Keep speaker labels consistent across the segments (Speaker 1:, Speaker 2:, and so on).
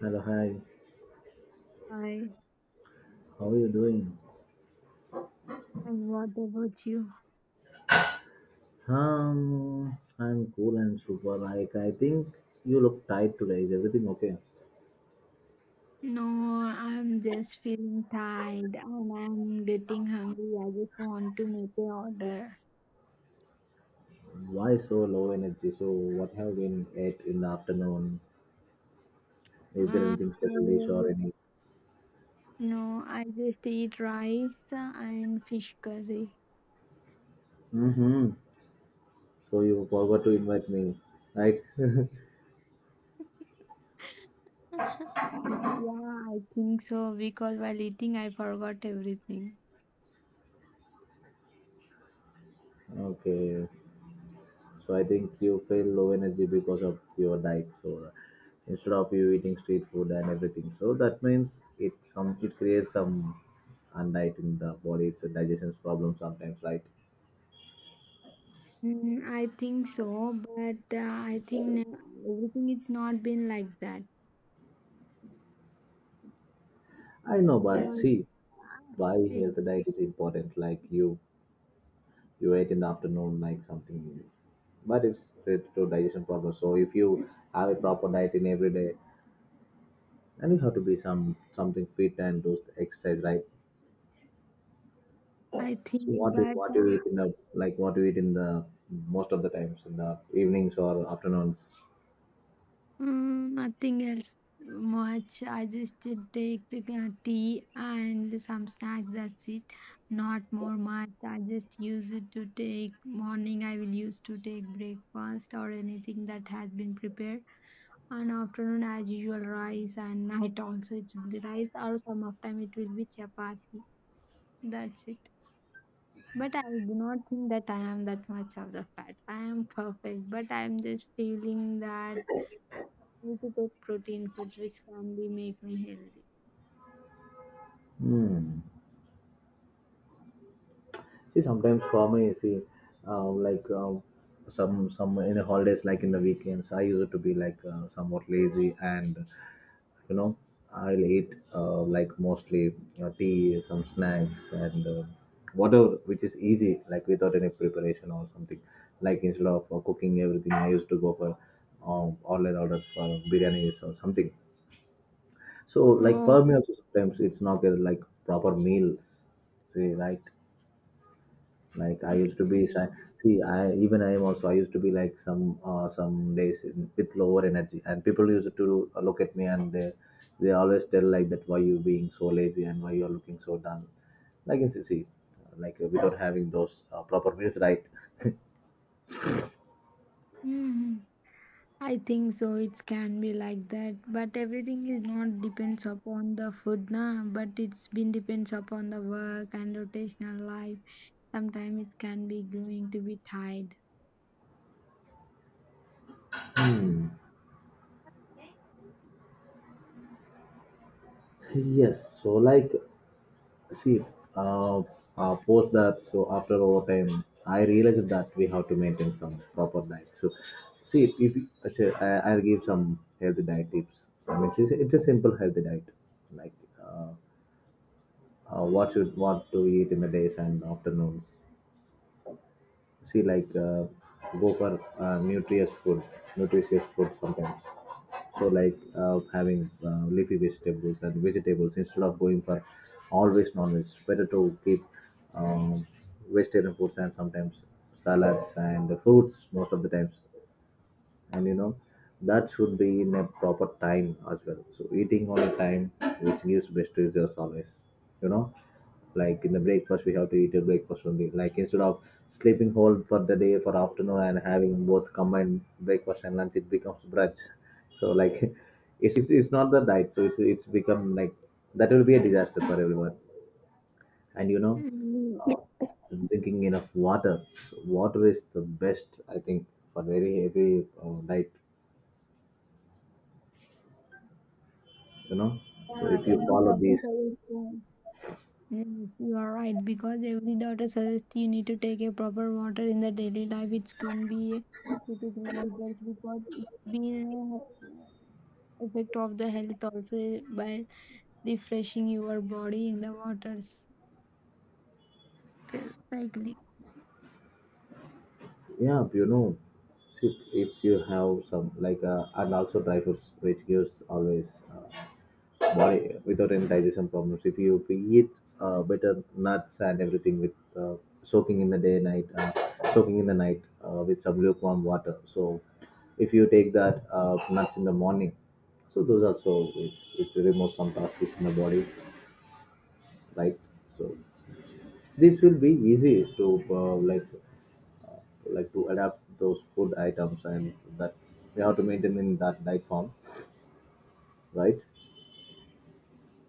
Speaker 1: Hello, hi.
Speaker 2: Hi,
Speaker 1: How are you doing?
Speaker 2: and what about you?
Speaker 1: I'm cool and super. Like, I think you look tired today. Is everything okay?
Speaker 2: No, I'm just feeling tired and I'm getting hungry. I just want to make an order.
Speaker 1: Why so low energy? So, what have been ate in the afternoon? Is there anything special dish
Speaker 2: I
Speaker 1: or any?
Speaker 2: no, I just eat rice and fish curry.
Speaker 1: Mm-hmm. So you forgot
Speaker 2: Yeah.
Speaker 1: to invite me, right?
Speaker 2: Mm, Yeah, I think so because while eating, I forgot everything.
Speaker 1: Okay. So I think you feel low energy because of your diet. So instead of you eating street food and everything, so that means it creates some undiet in the body. It's a digestion problem sometimes, right?
Speaker 2: Mm, I think so, but I think ne- everything it's not been like that
Speaker 1: I know, but
Speaker 2: because
Speaker 1: see, why
Speaker 2: yeah,
Speaker 1: health diet is important. Like you ate in the afternoon, like something, but it's related to digestion problem. So if you have a proper diet in every day, and you have to be something fit and do exercise, right?
Speaker 2: I
Speaker 1: So
Speaker 2: think,
Speaker 1: what do
Speaker 2: but
Speaker 1: what do you eat in the like what do you eat in the most of the times in the evenings or afternoons?
Speaker 2: Mm, nothing else much. I just did take the tea and some snack. That's it. Not more much. I just use it to take morning. I will use to take breakfast or anything that has been prepared. And afternoon, as usual, rice. And night also it will be rice or some of time it will be chapati. That's it. But I do not think that I am that much of the fat. I am perfect, but I am just feeling that need to take protein foods which can be make me healthy.
Speaker 1: Hmm. See, sometimes for me, see, like some in the holidays, like in the weekends, I used to be like somewhat lazy, and you know, I'll eat like mostly tea, some snacks, and whatever which is easy, like without any preparation or something. Like instead of cooking everything, I used to go for online orders for biryanis or something. So, like for me
Speaker 2: Oh,
Speaker 1: also sometimes it's not a, like proper meals. See, right? Like I
Speaker 2: okay.
Speaker 1: used to be.
Speaker 2: Mm.
Speaker 1: See, I even I am also. I used to be like some days with lower energy, and people used to look at me and they always tell like that why you being so lazy and why you are looking so done. Like you see, like without having those proper meals, right?
Speaker 2: Hmm. I think so. It can be like that, but everything is not depends upon the food, na. But it's been depends upon the work and rotational life. Sometimes it can be going to be tired.
Speaker 1: Hmm. Yes. So like see uh, post that so after over time I realized that we have to maintain some proper diet. So see if you- actually, I'll give some healthy diet tips. I mean it's a simple healthy diet, like uh, what you want to eat in the days and afternoons. See, like go for uh, nutritious food nutritious food sometimes. So like having leafy vegetables and vegetables instead of going for always non-veg. Better to keep um, vegetarian foods and sometimes salads and fruits most of the times. And that should be in a proper time as well. So eating on a time, which gives best results always you know like in the breakfast, we have to eat a breakfast only, like instead of sleeping whole for the day for afternoon and having both combined breakfast and lunch, it becomes brunch. So like it's not the diet. So it's become like that will be a disaster for everyone. And
Speaker 2: Mm.
Speaker 1: drinking enough water. So water is the best, I think, for very every diet, you know so
Speaker 2: Yeah,
Speaker 1: if you
Speaker 2: every
Speaker 1: follow
Speaker 2: doctor
Speaker 1: these.
Speaker 2: suggestion. Yes, you are right because every daughter suggests you need to take a proper water in the daily life. It can be a pretty green because it's been a effect of the health also by refreshing your body in the waters cycle.
Speaker 1: Yeah, see, if you have some like and also dry fruits which gives always body without any digestion problems. If you eat better nuts and everything with soaking in the day night, uh, soaking in the night with some lukewarm water. So if you take that nuts in the morning, so those also it removes some toxins in the body, right? So this will be easy to like to adapt those food items and that we have to maintain in that diet form, right?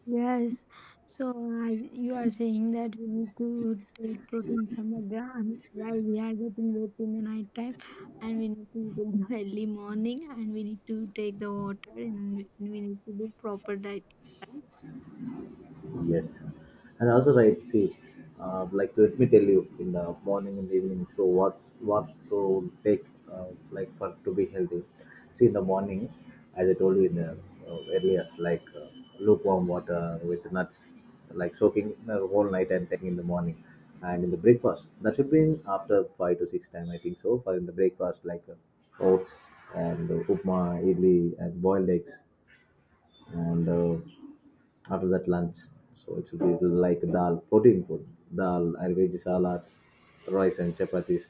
Speaker 2: Yes. So you are saying that we need to take protein from the ground while we are getting wet in the night time, and we need to eat in the early morning, and we need to take the water, and we need to do proper diet. Right?
Speaker 1: Yes, and also right. See, like let me tell you, in the morning and evening. So what to take like for to be healthy? See, in the morning, as I told you in the earlier, like lukewarm water with nuts, like soaking the whole night and taking in the morning, and in the breakfast that should be in after five to six time I think so. For in the breakfast like oats and upma, idli and boiled eggs and after that lunch. So it should be like dal, protein food, dal and veggie salads, rice and chapatis,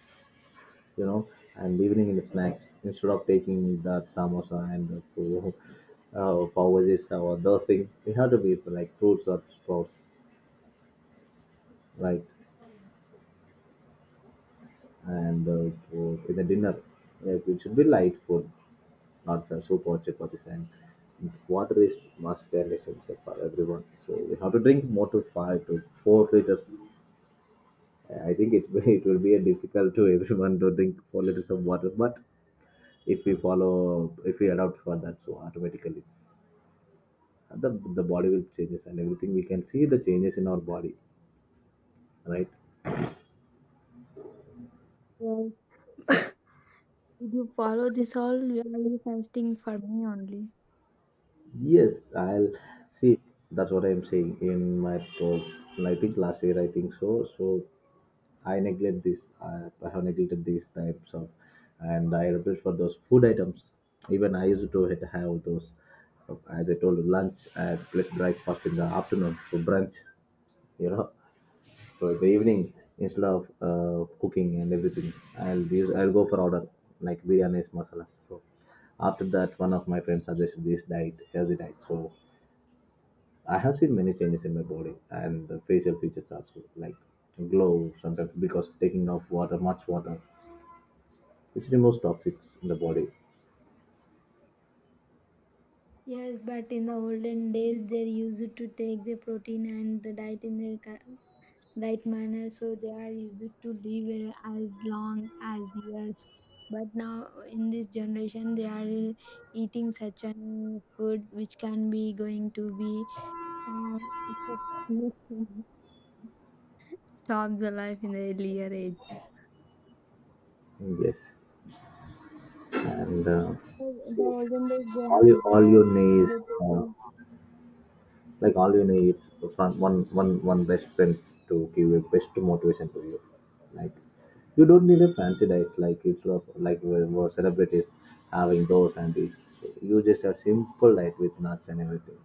Speaker 1: you know, and evening in the snacks instead of taking that samosa and the pav bhajis or those things, we have to be like fruits or sprouts, right? And in the dinner, like it should be light food, not soup or chapatis. And water is must be essential for everyone. So we have to drink more to 5 to 4 liters. I think it's it will be a difficult to everyone to drink 4 liters of water, but if we adopt for that, so automatically the the body will changes and everything. We can see the changes in our body, right?
Speaker 2: Yes. Did you follow this all? Are you fasting for me only?
Speaker 1: Yes, I'll see. That's what I'm saying in my talk. And I think last year, I think so. So I neglect this. I have neglected these types of, and I repeat for those food items. Even I used to have those, as I told, lunch and plus breakfast in the afternoon, so brunch. You know, so in the evening instead of cooking and everything, I'll go for order like biryanis, masalas. So after that, one of my friends suggested this diet, healthy diet. So I have seen many changes in my body and the facial features also, like glow sometimes because taking off water, much water, which removes toxics in the body.
Speaker 2: Yes, but in the olden days, they used to take the protein and the diet in the right manner so they are used to live as long as years but now in this generation they are eating such an food which can be going to be um, stops the life in the earlier age.
Speaker 1: Yes, and
Speaker 2: So the
Speaker 1: so
Speaker 2: olden days they
Speaker 1: all
Speaker 2: had
Speaker 1: you all you
Speaker 2: the
Speaker 1: needs
Speaker 2: they
Speaker 1: uh,
Speaker 2: taking
Speaker 1: from one best friends to give you best motivation to you. Like you don't need a fancy diet like it's lot like where celebrities having those and this. You just have simple diet with nuts and everything.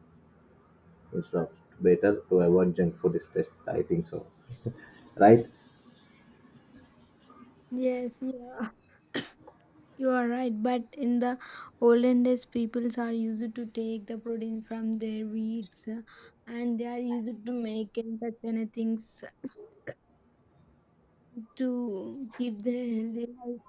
Speaker 1: It's lot better to avoid junk food is best. I think so, right?
Speaker 2: yes yeah. You are right, but in the olden days, peoples are used to take the protein from their weeds, and they are used to make and such kind of things to keep their healthy life.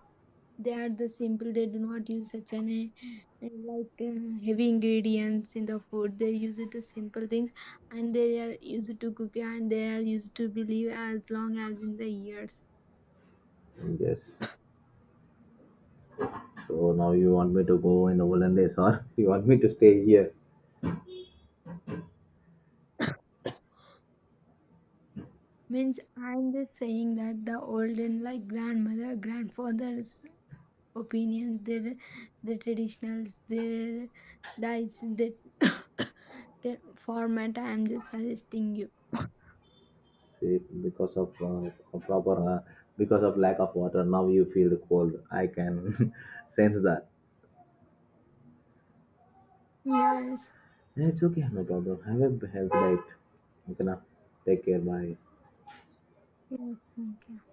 Speaker 2: They are the simple; they do not use such an heavy ingredients in the food. They use it the simple things, and they are used to cook, and they are used to believe as long as in the years.
Speaker 1: Yes. So now you want me to go in the olden days, or you want me to stay here?
Speaker 2: Means I'm just saying that the olden like grandmother, grandfathers opinions, their the traditionals, their diets, their format. I am just suggesting you.
Speaker 1: See, because of lack of water, now you feel the cold. I can sense that.
Speaker 2: Yes.
Speaker 1: Yeah, it's okay, no problem. Have a healthy diet. Okay, now take care. Bye.
Speaker 2: Yes, thank you.